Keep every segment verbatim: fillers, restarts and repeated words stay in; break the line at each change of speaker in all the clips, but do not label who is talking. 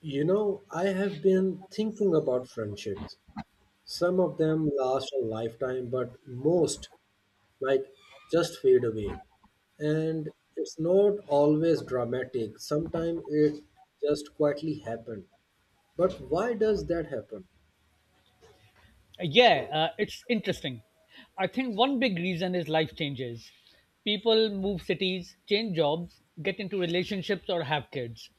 You know, I have been thinking about friendships. Some of them last a lifetime, but most, like, just fade away. And it's not always dramatic. Sometimes it just quietly happens. But why does that happen?
Yeah, uh, it's interesting. I think one big reason is life changes. People move cities, change jobs, get into relationships, or have kids.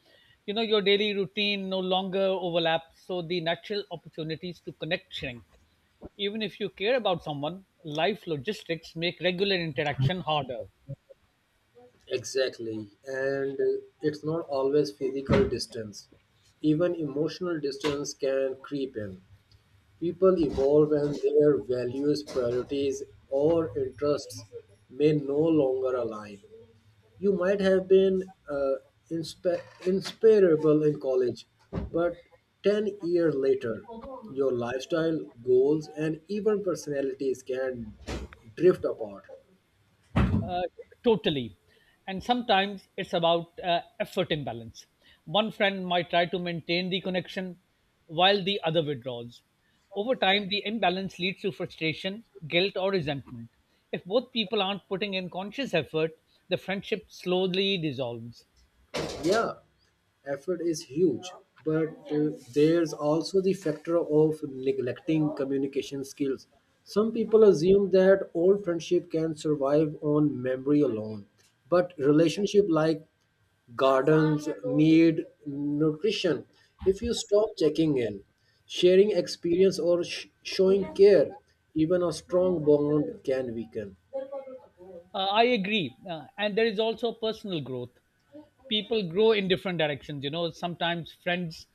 You know, your daily routine no longer overlaps, so the natural opportunities to connect shrink. Even if you care about someone, life logistics make regular interaction harder.
Exactly. And uh, it's not always physical distance. Even emotional distance can creep in. People evolve and their values, priorities, or interests may no longer align. You might have been uh, insp- inspirable in college, but ten years later, your lifestyle, goals, and even personalities can drift apart.
Uh, Totally. And sometimes it's about uh, effort imbalance. One friend might try to maintain the connection while the other withdraws. Over time, the imbalance leads to frustration, guilt, or resentment. If both people aren't putting in conscious effort, the friendship slowly dissolves.
Yeah, effort is huge, but uh, there's also the factor of neglecting communication skills. Some people assume that old friendship can survive on memory alone, but relationship, like gardens, need nutrition. If you stop checking in, sharing experience or sh- showing care, even a strong bond can weaken.
Uh, I agree. Uh, and there is also personal growth. People grow in different directions. You know, sometimes friends'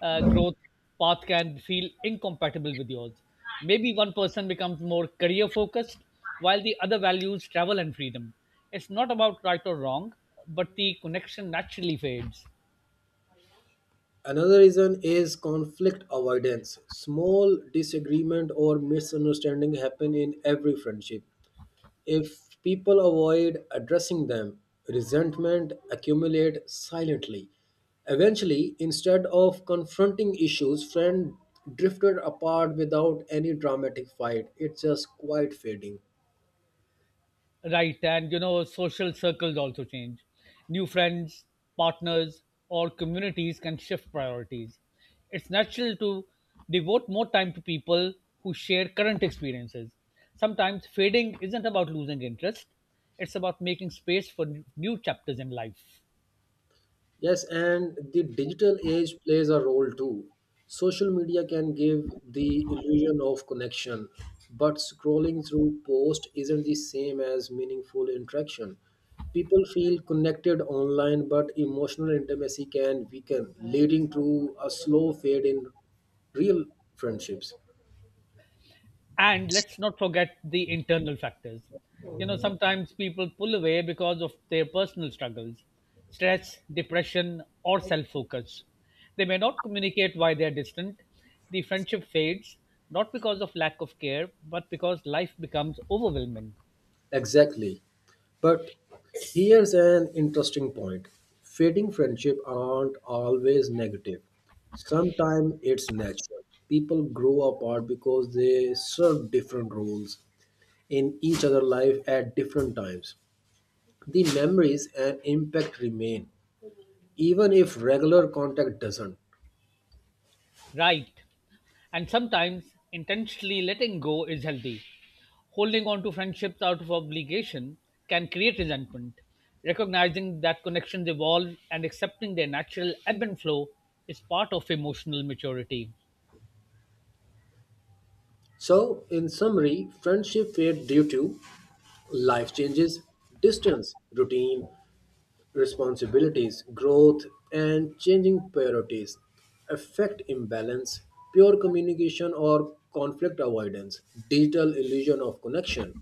uh, growth path can feel incompatible with yours. Maybe one person becomes more career focused while the other values travel and freedom. It's not about right or wrong, but the connection naturally fades.
Another reason is conflict avoidance. Small disagreement or misunderstanding happen in every friendship. If people avoid addressing them, resentment accumulate silently. Eventually, instead of confronting issues, friends drifted apart without any dramatic fight. It's just quiet fading.
Right, and you know, social circles also change. New friends, partners, or communities can shift priorities. It's natural to devote more time to people who share current experiences. Sometimes fading isn't about losing interest, it's about making space for new chapters in life.
Yes, and the digital age plays a role too. Social media can give the illusion of connection, but scrolling through posts isn't the same as meaningful interaction. People feel connected online, but emotional intimacy can weaken, leading to a slow fade in real friendships.
And let's not forget the internal factors. You know, sometimes people pull away because of their personal struggles, stress, depression, or self focus. They may not communicate why they are distant. The friendship fades not because of lack of care, but because life becomes overwhelming.
Exactly. But here's an interesting point: fading friendship aren't always negative. Sometimes it's natural. People grow apart because they serve different roles in each other's life at different times. The memories and impact remain, even if regular contact doesn't.
Right. And sometimes intentionally letting go is healthy. Holding on to friendships out of obligation can create resentment. Recognizing that connections evolve and accepting their natural ebb and flow is part of emotional maturity.
So, in summary, friendship fade due to life changes, distance, routine, responsibilities, growth, and changing priorities, affect imbalance, poor communication, or conflict avoidance, digital illusion of connection,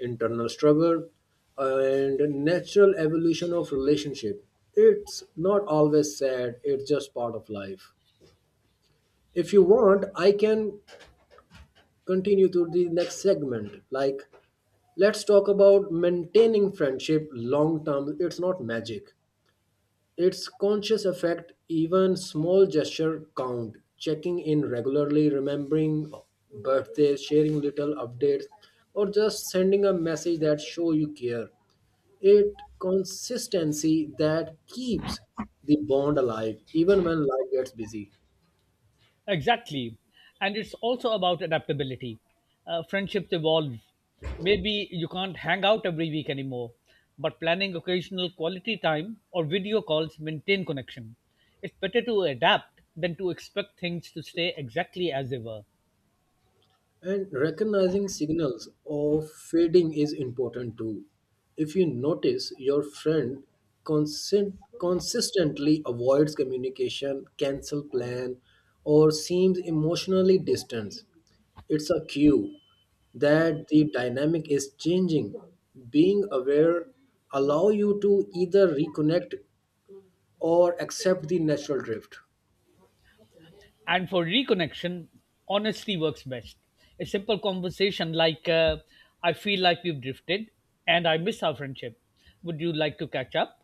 internal struggle, and natural evolution of relationship. It's not always sad, it's just part of life. If you want, I can continue to the next segment. Like, let's talk about maintaining friendship long term. It's not magic, its conscious effect, even small gesture count, checking in regularly, remembering birthdays, sharing little updates, or just sending a message that show you care. It consistency that keeps the bond alive even when life gets busy.
Exactly. And it's also about adaptability. Uh, friendships evolve. Maybe you can't hang out every week anymore, but planning occasional quality time or video calls maintain connection. It's better to adapt than to expect things to stay exactly as they were.
And recognizing signals of fading is important too. If you notice your friend consent, consistently avoids communication, cancel plan, or seems emotionally distant, it's a cue that the dynamic is changing. Being aware allow you to either reconnect or accept the natural drift.
And for reconnection, honesty works best. A simple conversation like, uh, I feel like we've drifted and I miss our friendship. Would you like to catch up?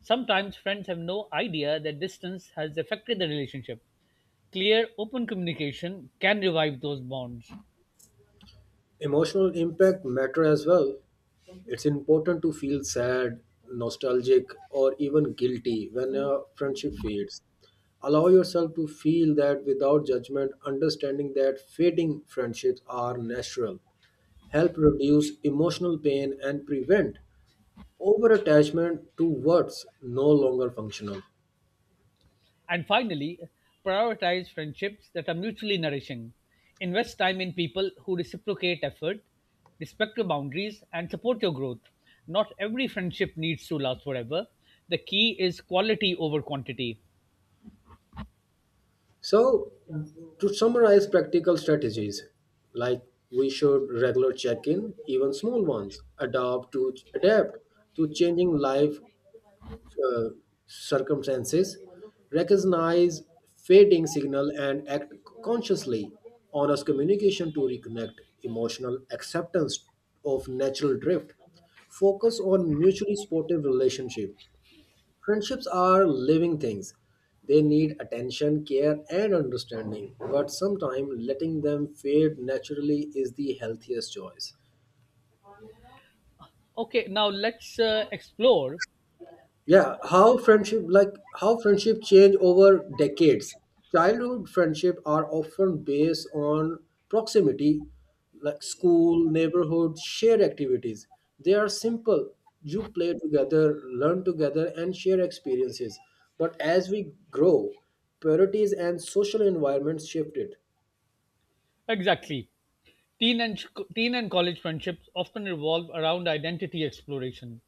Sometimes friends have no idea that distance has affected the relationship. Clear, open communication can revive those bonds.
Emotional impact matter as well. It's important to feel sad, nostalgic, or even guilty when a friendship fades. Allow yourself to feel that without judgment, understanding that fading friendships are natural. Help reduce emotional pain and prevent overattachment to what's no longer functional.
And finally, prioritize friendships that are mutually nourishing. Invest time in people who reciprocate effort, respect your boundaries, and support your growth. Not every friendship needs to last forever. The key is quality over quantity.
So, to summarize practical strategies, like we should regular check-in, even small ones, adapt to adapt to changing life uh, circumstances, recognize fading signal and act consciously, honest communication to reconnect, emotional acceptance of natural drift, focus on mutually supportive relationship. Friendships are living things. They need attention, care, and understanding, but sometimes letting them fade naturally is the healthiest choice.
Okay, now let's uh, explore
Yeah, how friendship like how friendship change over decades. Childhood friendship are often based on proximity, like school, neighborhood, shared activities. They are simple. You play together, learn together, and share experiences. But as we grow, priorities and social environments shifted.
exactly. Teen and, teen and college friendships often revolve around identity exploration.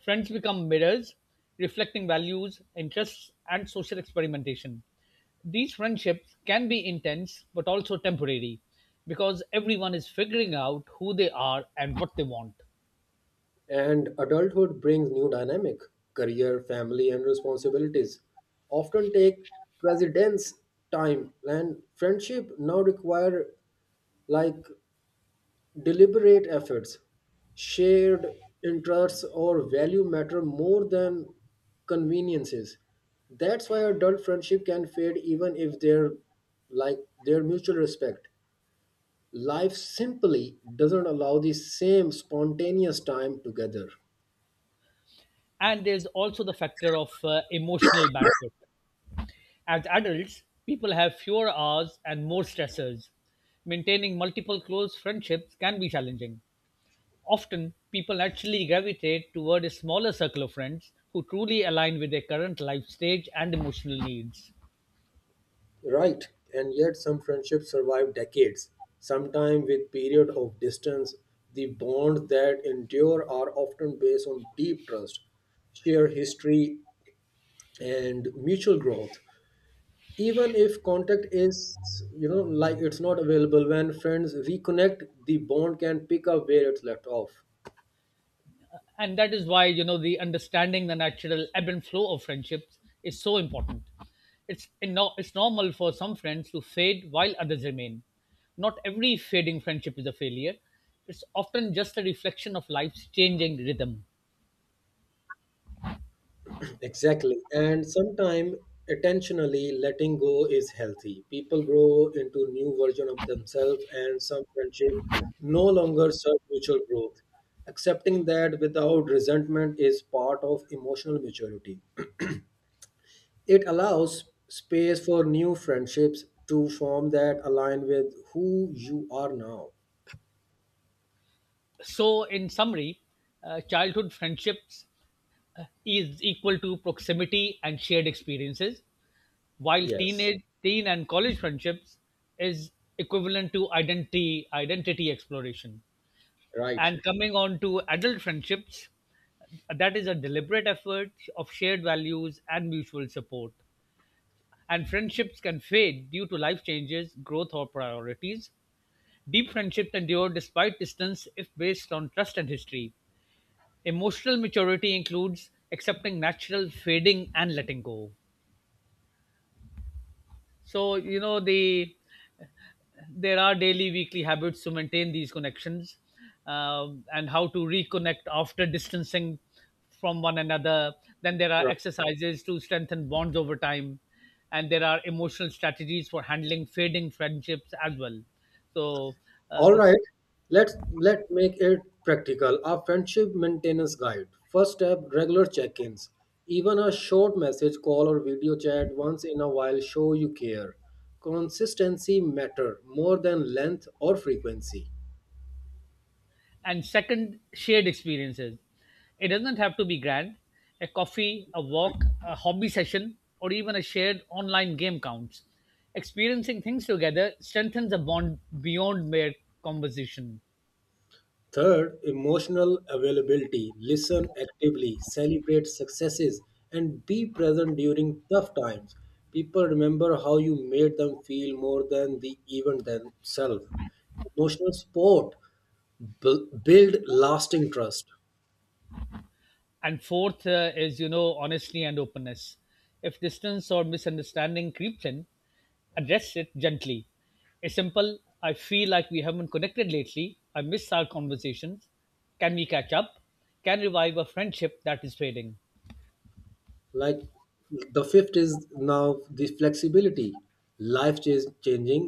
Friends become mirrors, reflecting values, interests, and social experimentation. These friendships can be intense but also temporary because everyone is figuring out who they are and what they want.
And adulthood brings new dynamic. Career, family, and responsibilities often take precedence, time, and friendship now require, like, deliberate efforts. Shared interests or value matter more than conveniences. That's why adult friendship can fade even if they're like their mutual respect. Life simply doesn't allow the same spontaneous time together.
And there's also the factor of uh, emotional bandwidth. As adults, people have fewer hours and more stressors. Maintaining multiple close friendships can be challenging. Often, people actually gravitate toward a smaller circle of friends who truly align with their current life stage and emotional needs.
Right, and yet some friendships survive decades, sometimes with period of distance. The bonds that endure are often based on deep trust, shared history, and mutual growth. Even if contact is, you know, like it's not available, when friends reconnect, the bond can pick up where it's left off.
And that is why, you know, the understanding the natural ebb and flow of friendships is so important. It's, no- It's normal for some friends to fade while others remain. Not every fading friendship is a failure, it's often just a reflection of life's changing rhythm.
Exactly. And sometimes attentionally letting go is healthy. People grow into new version of themselves and some friendship no longer serve mutual growth. Accepting that without resentment is part of emotional maturity. It allows space for new friendships to form that align with who you are now.
So, in summary, uh, childhood friendships uh, is equal to proximity and shared experiences, while
Yes.
teenage teen and college friendships is equivalent to identity identity exploration,
Right.
and coming on to adult friendships, that is a deliberate effort of shared values and mutual support, and friendships can fade due to life changes, growth, or priorities. Deep friendships endure despite distance if based on trust and history. Emotional maturity includes accepting natural fading and letting go. So you know the there are daily weekly habits to maintain these connections, um, and how to reconnect after distancing from one another, then there are
Right.
exercises to strengthen bonds over time, and there are emotional strategies for handling fading friendships as well. so uh,
All
s-
right, let's let make it practical. Our friendship maintenance guide. First step, regular check-ins. Even a short message, call or video chat once in a while show you care. Consistency matter more than length or frequency.
And second, shared experiences. It doesn't have to be grand. A coffee, a walk, a hobby session, or even a shared online game counts. Experiencing things together strengthens a bond beyond mere conversation.
Third, emotional availability. Listen actively, celebrate successes, and be present during tough times. People remember how you made them feel more than the event themselves. Emotional support bu- build lasting trust.
And fourth uh, is, you know, honesty and openness. If distance or misunderstanding creeps in, address it gently. A simple, I feel like we haven't connected lately. I miss our conversations. Can we catch up? Can revive a friendship that is fading.
Like, the fifth is now the flexibility. Life is changing,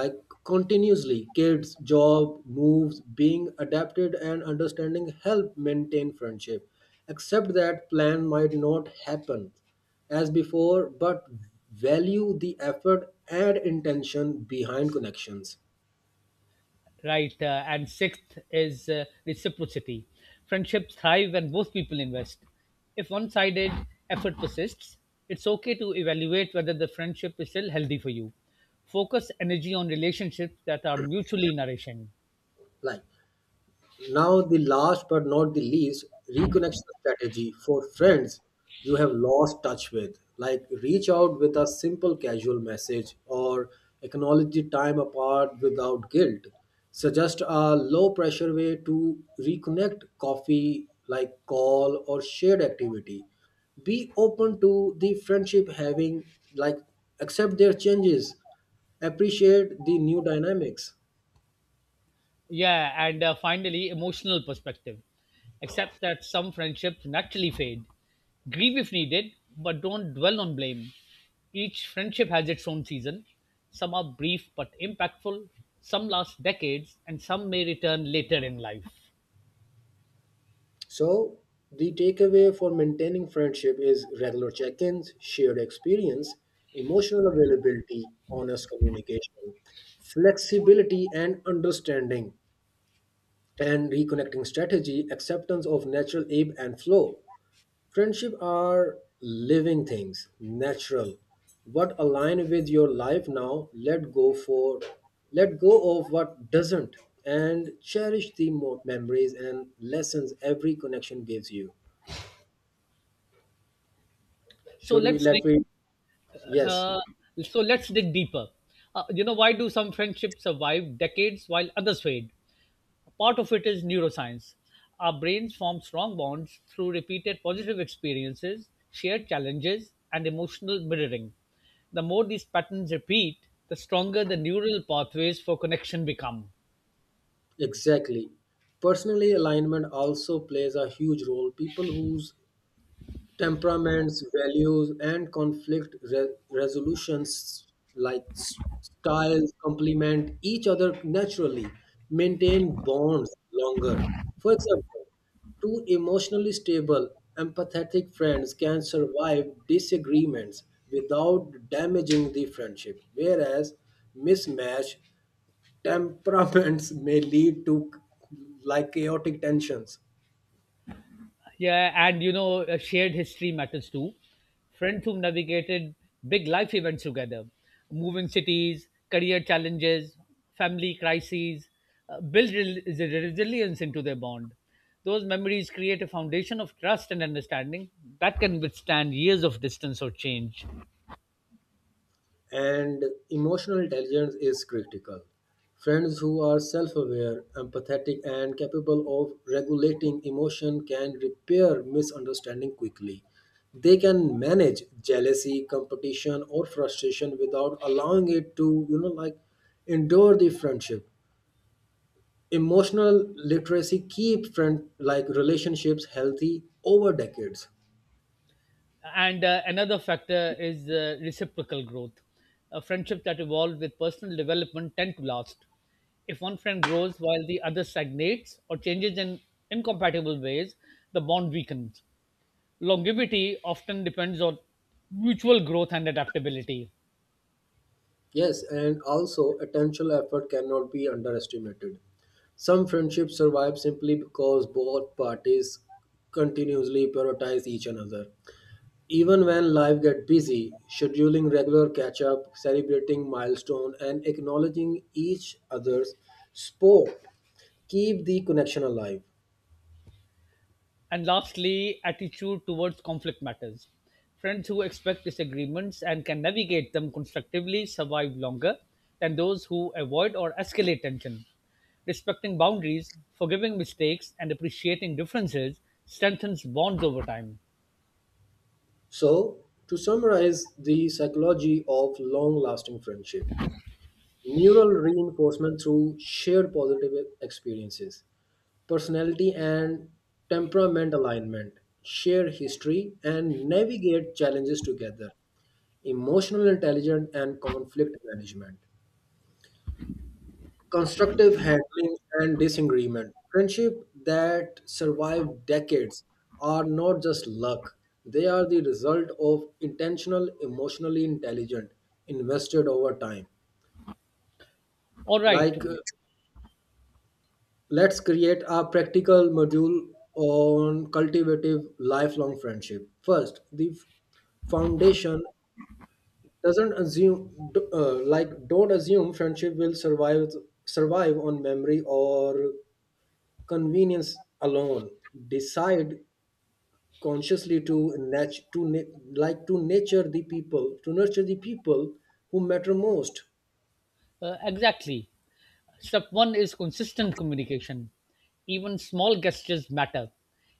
like, continuously, kids, job, moves, being adapted and understanding help maintain friendship. Accept that plan might not happen as before, but value the effort and intention behind connections.
Right, uh, and sixth is uh, reciprocity. Friendships thrive when both people invest. If one sided effort persists, it's okay to evaluate whether the friendship is still healthy for you. Focus energy on relationships that are mutually nourishing.
Like, now, the last but not the least, reconnection strategy for friends you have lost touch with. Like, reach out with a simple casual message or acknowledge the time apart without guilt. Suggest a low pressure way to reconnect, coffee, like call or shared activity. Be open to the friendship having, like, accept their changes, appreciate the new dynamics.
Yeah, and uh, finally, emotional perspective. Accept that some friendships naturally fade. Grieve if needed, but don't dwell on blame. Each friendship has its own season. Some are brief but impactful, some last decades, and some may return later in life.
So, the takeaway for maintaining friendship is regular check ins, shared experience, emotional availability, honest communication, flexibility and understanding, and reconnecting strategy, acceptance of natural ebb and flow. Friendship are living things, natural. What align with your life now, let go for let go of what doesn't, and cherish the mo- memories and lessons every connection gives you.
So
Should we
let's
let
dig,
me? Yes,
uh, so let's dig deeper. Uh, you know, why do some friendships survive decades while others fade? Part of it is neuroscience. Our brains form strong bonds through repeated positive experiences, shared challenges, and emotional mirroring. The more these patterns repeat, the stronger the neural pathways for connection become.
exactly. Personally, alignment also plays a huge role. People whose temperaments, values, and conflict re- resolutions, like s- styles, complement each other naturally, maintain bonds longer. For example, two emotionally stable, empathetic friends can survive disagreements without damaging the friendship, whereas mismatched temperaments may lead to like chaotic tensions.
Yeah, and you know, uh, shared history matters too. Friends who navigated big life events together, moving cities, career challenges, family crises, uh, build rel- resilience into their bond. Those memories create a foundation of trust and understanding that can withstand years of distance or change.
And emotional intelligence is critical. Friends who are self-aware, empathetic and capable of regulating emotion can repair misunderstanding quickly. They can manage jealousy, competition or frustration without allowing it to, you know, like, endure the friendship. Emotional literacy keep friend like relationships healthy over decades.
And uh, another factor is uh, reciprocal growth. Uh, friendships that evolve with personal development tend to last. If one friend grows while the other stagnates or changes in incompatible ways, the bond weakens. Longevity often depends on mutual growth and adaptability.
Yes, and also attentional effort cannot be underestimated. Some friendships survive simply because both parties continuously prioritize each another. Even when life gets busy, scheduling regular catch up, celebrating milestone, and acknowledging each other's sport keep the connection alive.
And lastly, attitude towards conflict matters. Friends who expect disagreements and can navigate them constructively survive longer than those who avoid or escalate tension. Respecting boundaries, forgiving mistakes, and appreciating differences strengthens bonds over time.
So, to summarize the psychology of long lasting friendship, neural reinforcement through shared positive experiences, personality and temperament alignment, share history, and navigate challenges together, emotional intelligence and conflict management, constructive handling and disagreement. Friendship that survive decades are not just luck, they are the result of intentional, emotionally intelligent, invested over time.
All right,
Like uh, Let's create a practical module on cultivative lifelong friendship. First, the f- foundation doesn't assume d- uh, like, don't assume friendship will survive survive on memory or convenience alone. Decide consciously to nat- to na- like, to nurture the people to nurture the people who matter most.
uh, exactly. Step one is consistent communication. Even small gestures matter.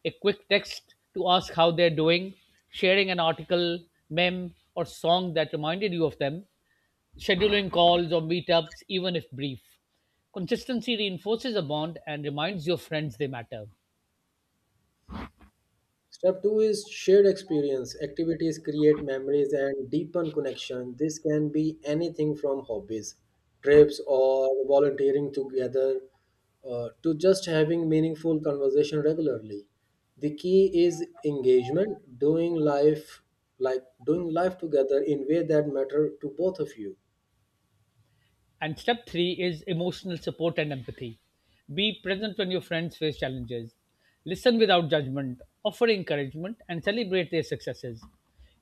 A quick text to ask how they're doing, sharing an article, meme, or song that reminded you of them, scheduling calls or meetups, even if brief. Consistency reinforces a bond and reminds your friends they matter.
Step two is shared experience. Activities create memories and deepen connection. This can be anything from hobbies, trips, or volunteering together uh, to just having meaningful conversation regularly. The key is engagement, doing life like doing life together in way that matter to both of you.
And step three is emotional support and empathy. Be present when your friends face challenges. Listen without judgment, offer encouragement, and celebrate their successes.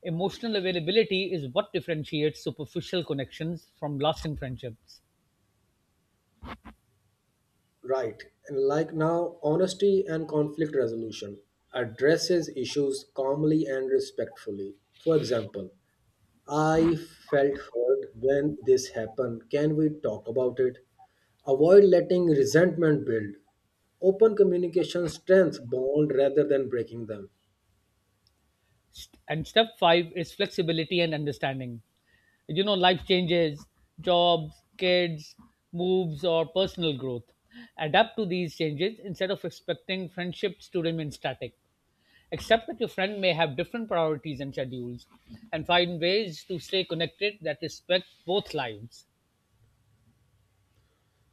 Emotional availability is what differentiates superficial connections from lasting friendships.
Right. And like, now, honesty and conflict resolution addresses issues calmly and respectfully. For example, I felt hurt when this happened. Can we talk about it? Avoid letting resentment build. Open communication strengths bond rather than breaking them.
St- And step five is flexibility and understanding. You know, life changes, jobs, kids, moves, or personal growth. Adapt to these changes instead of expecting friendships to remain static. Accept that your friend may have different priorities and schedules, and find ways to stay connected that respect both lives.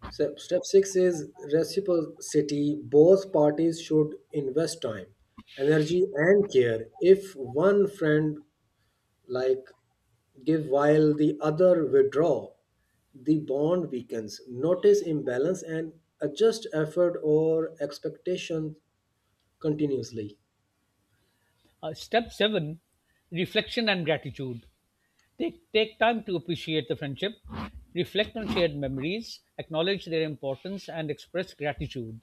Step, step six is reciprocity. Both parties should invest time, energy, and care. If one friend, like, give while the other withdraw, the bond weakens. Notice imbalance and adjust effort or expectation continuously.
Uh, step seven, Reflection and Gratitude. Take, take time to appreciate the friendship, reflect on shared memories, acknowledge their importance, and express gratitude.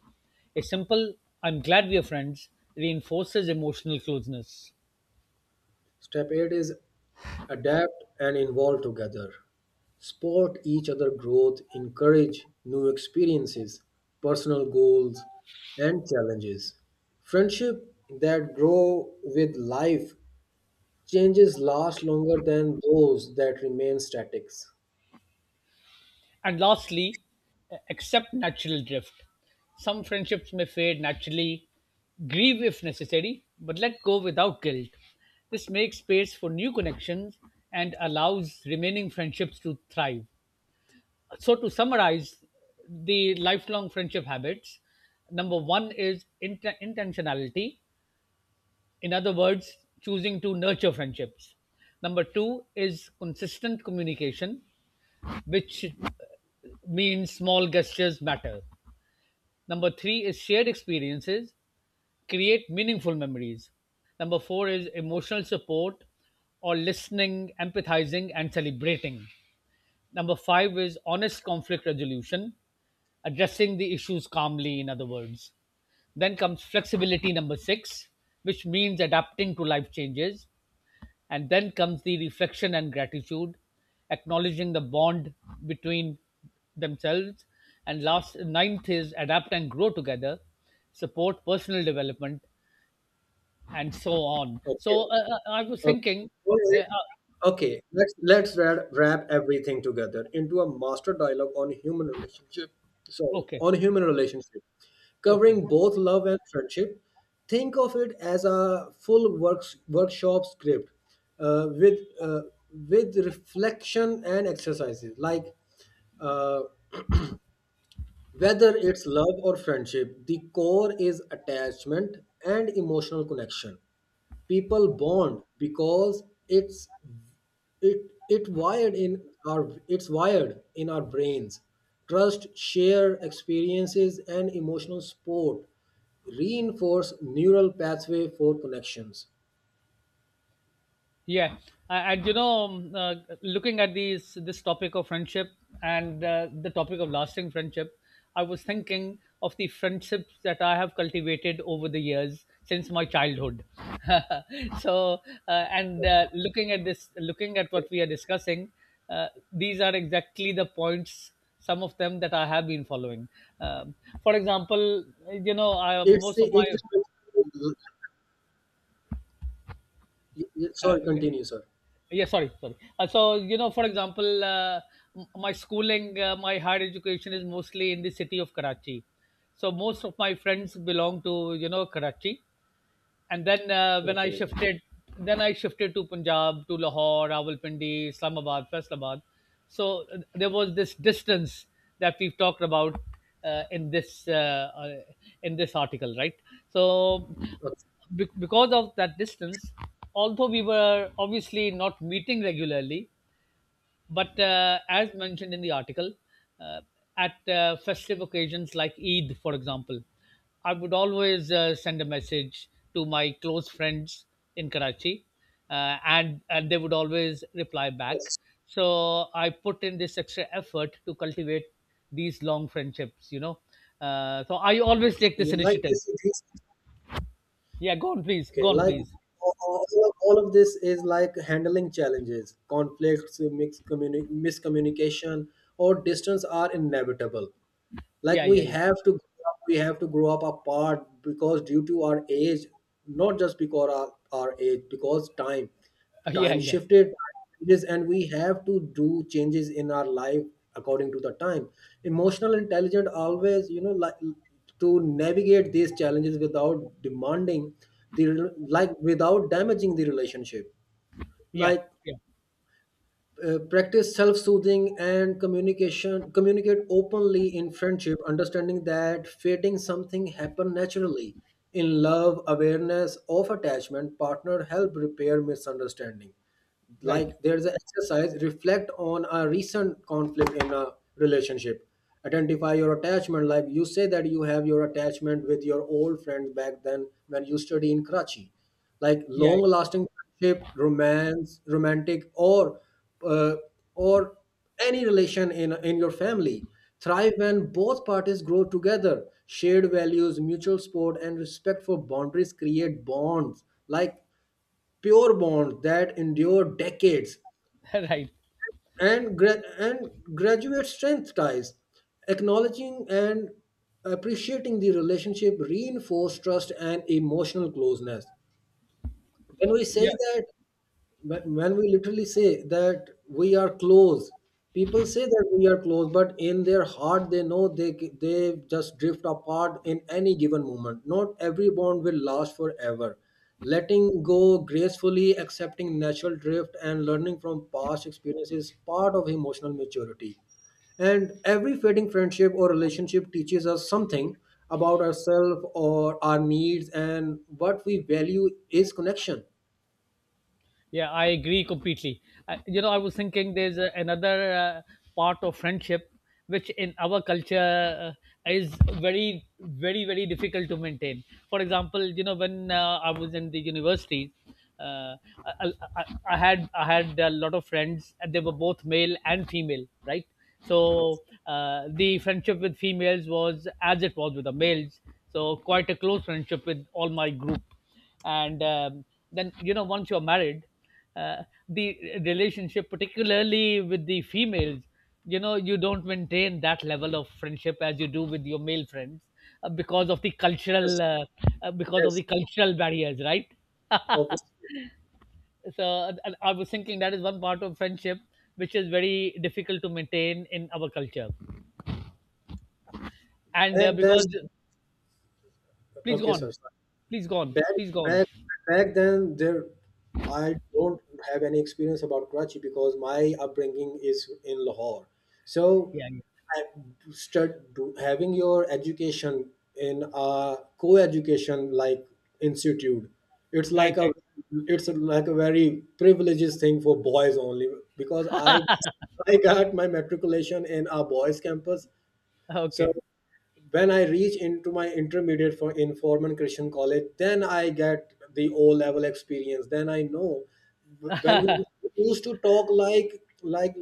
A simple, I'm glad we are friends, reinforces emotional closeness.
Step eight is adapt and evolve together. Support each other growth, encourage new experiences, personal goals and challenges. Friendship that grow with life changes last longer than those that remain static.
And lastly, accept natural drift. Some friendships may fade naturally, grieve if necessary, but let go without guilt. This makes space for new connections and allows remaining friendships to thrive. So, to summarize the lifelong friendship habits, number one is int- intentionality. In other words, choosing to nurture friendships. Number two is consistent communication, which uh, means small gestures matter. Number three is shared experiences, create meaningful memories. Number four is emotional support, or listening, empathizing, and celebrating. Number five is honest conflict resolution, addressing the issues calmly, in other words. Then comes flexibility, number six, which means adapting to life changes. And then comes the reflection and gratitude, acknowledging the bond between themselves. And last, ninth is adapt and grow together, support personal development, and so on.
Okay.
So uh, uh, I was
Okay.
thinking,
All
uh,
right.
uh,
Okay, let's let's wrap, wrap everything together into a master dialogue on human relationship. Sorry,
okay,
on human relationship,
okay.
covering both love and friendship. Think of it as a full works workshop script uh, with uh, with reflection and exercises, like. Uh, whether it's love or friendship, the core is attachment and emotional connection. People bond because it's it it wired in our it's wired in our brains. Trust, share experiences and emotional support reinforce neural pathway for connections.
Yeah, Uh, and you know, um, uh, looking at these this topic of friendship and uh, the topic of lasting friendship, I was thinking of the friendships that I have cultivated over the years since my childhood. So, uh, and uh, looking at this, looking at what we are discussing, uh, these are exactly the points. Some of them that I have been following. Um, for example, you know, I,
It's
most
the
of my
it's the,
uh,
Sorry, continue, sir.
yeah sorry sorry uh, so you know, for example, uh, m- my schooling, uh, my higher education is mostly in the city of Karachi, so most of my friends belong to, you know, Karachi. And then uh, when I
Okay.
shifted, then I shifted to Punjab, to Lahore, Rawalpindi, Islamabad, Faisalabad. So uh, there was this distance that we've talked about uh, in this uh, uh, in this article, right? So
Okay.
be- because of that distance, although we were obviously not meeting regularly, but uh, as mentioned in the article, uh, at uh, festive occasions like Eid, for example, I would always uh, send a message to my close friends in Karachi, uh, and and they would always reply back.
Yes.
So I put in this extra effort to cultivate these long friendships. You know, uh, so I always take this
You like
initiative.
this? this-
Yeah, go on, please.
Okay,
Go on,
like,
please.
all, all all of this is like handling challenges, conflicts, mix communi- miscommunication, or distance are inevitable. Like,
Yeah,
we
yeah, yeah.
have to grow up- we have to grow up apart because due to our age, not just because our, our age, because time
Yeah,
time
yeah,
shifted, changes, and we have to do changes in our life according to the time. Emotional intelligence, always, you know, like, to navigate these challenges without demanding the, like, without damaging the relationship.
yeah,
Like,
yeah.
uh, practice self-soothing and communication communicate openly in friendship, understanding that fading something happen naturally. In love, awareness of attachment partner help repair misunderstanding.
Right.
Like, there's an exercise: reflect on a recent conflict in a relationship. Identify your attachment. Like, you say that you have your attachment with your old friends back then when you study in Karachi. Like,
Yeah.
long lasting friendship, romance romantic, or uh, or any relation in in your family thrive when both parties grow together. Shared values, mutual support, and respect for boundaries create bonds, like pure bonds that endure decades.
Right.
And gra- and graduate strength ties, acknowledging and appreciating the relationship reinforce trust and emotional closeness. When we
Yeah.
say that, but when we literally say that we are close, people say that we are close, but in their heart they know they they just drift apart in any given moment. Not every bond will last forever. Letting go gracefully, accepting natural drift, and learning from past experiences is part of emotional maturity. And every fading friendship or relationship teaches us something about ourselves or our needs and what we value is connection.
Yeah, I agree completely. Uh, you know, I was thinking there's uh, another uh, part of friendship which in our culture uh, is very, very, very difficult to maintain. For example, you know, when uh, I was in the university, uh, I, I, I had I had a lot of friends, and they were both male and female, right?
Yes,
So uh, the friendship with females was as it was with the males. So quite a close friendship with all my group. And um, then you know, once you're married, uh, the relationship particularly with the females, you know, you don't maintain that level of friendship as you do with your male friends, uh, because of the cultural
yes,
uh, uh, because of the
yes.
cultural barriers, right?
Obviously,
So uh, and I was thinking that is one part of friendship which is very difficult to maintain in our culture, and uh,
back then,
because please go
okay,
on,
sorry, sorry.
please go on,
Back,
please go on.
back, Back then, there, I don't have any experience about Karachi because my upbringing is in Lahore. So,
Yeah, yeah.
I start do, having your education in a co-education like institute. It's
Right,
like a,
right.
it's like a very privileges thing for boys only because I, I got my matriculation in a boys' campus. So
Okay.
when I reach into my intermediate for in Forman Christian College, then I get the O level experience. Then I know when we used to talk like, like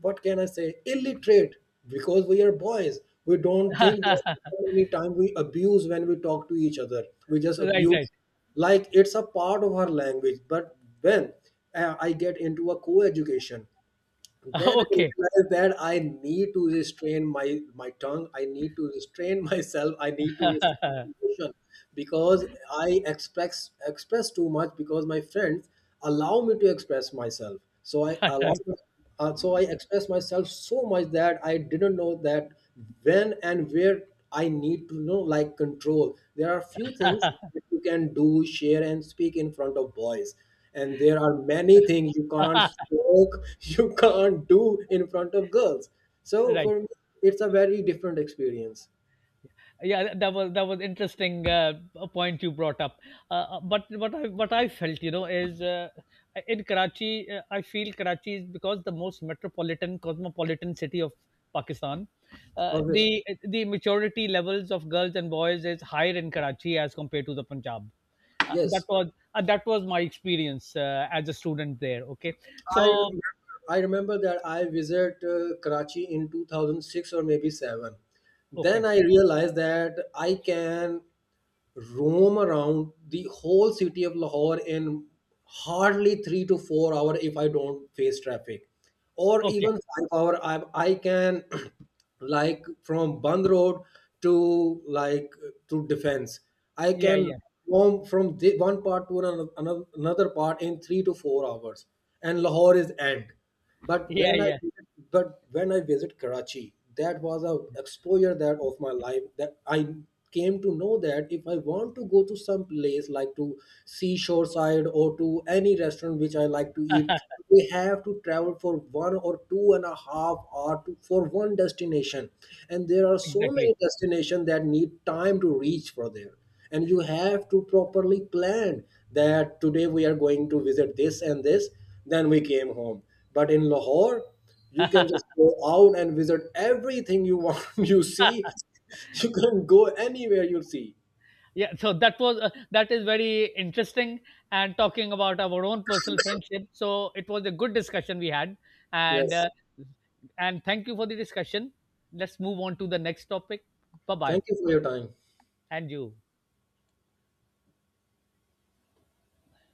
what can I say, illiterate, because we are boys. We don't think that many time we abuse when we talk to each other. We just
Right, right.
abuse like it's a part of our language. But when uh, I get into a co-education. Then I
Okay.
realized that I need to restrain my my tongue. I need to restrain myself. I need to restrain
Uh,
my emotion because I express express too much because my friends allow me to express myself. So I allow, uh, so I express myself so much that I didn't know that when and where I need to know, like, control. There are few things you can do, share, and speak in front of boys. And there are many things you can't smoke, you can't do in front of girls. So
Right.
for me, it's a very different experience.
Yeah, that was that was interesting, uh, a point you brought up. Uh, uh, but what I what I felt, you know, is uh, in Karachi, uh, I feel Karachi is because the most metropolitan, cosmopolitan city of Pakistan. Uh,
Obviously,
the the maturity levels of girls and boys is higher in Karachi as compared to the Punjab. Uh, that
yes.
was uh, that was my experience uh, as a student there. Okay,
I
so
remember, I remember that I visited uh, Karachi in two thousand six, or maybe seven. Then
okay,
I realized that I can roam around the whole city of Lahore in hardly three to four hour if I don't face traffic, or
okay,
even five hour. I I can like from Band Road to, like, to Defense. I
yeah,
can
yeah,
roam from the, one part to another another part in three to four hours, and Lahore is end. But
yeah,
when I
yeah.
but when I visit Karachi, that was a exposure that of my life that I came to know that if I want to go to some place like to seashore side or to any restaurant which I like to eat, we have to travel for one or two and a half hour to, for one destination, and there are so
Exactly.
many destinations that need time to reach for there, and you have to properly plan that today we are going to visit this and this, then we came home. But in Lahore, you can just go out and visit everything you want. You see, you can go anywhere you see.
Yeah, so that was uh, that is very interesting, and talking about our own personal friendship. So it was a good discussion we had, and
Yes.
uh, and thank you for the discussion. Let's move on to the next topic. Bye bye,
Thank you for your time.
and you.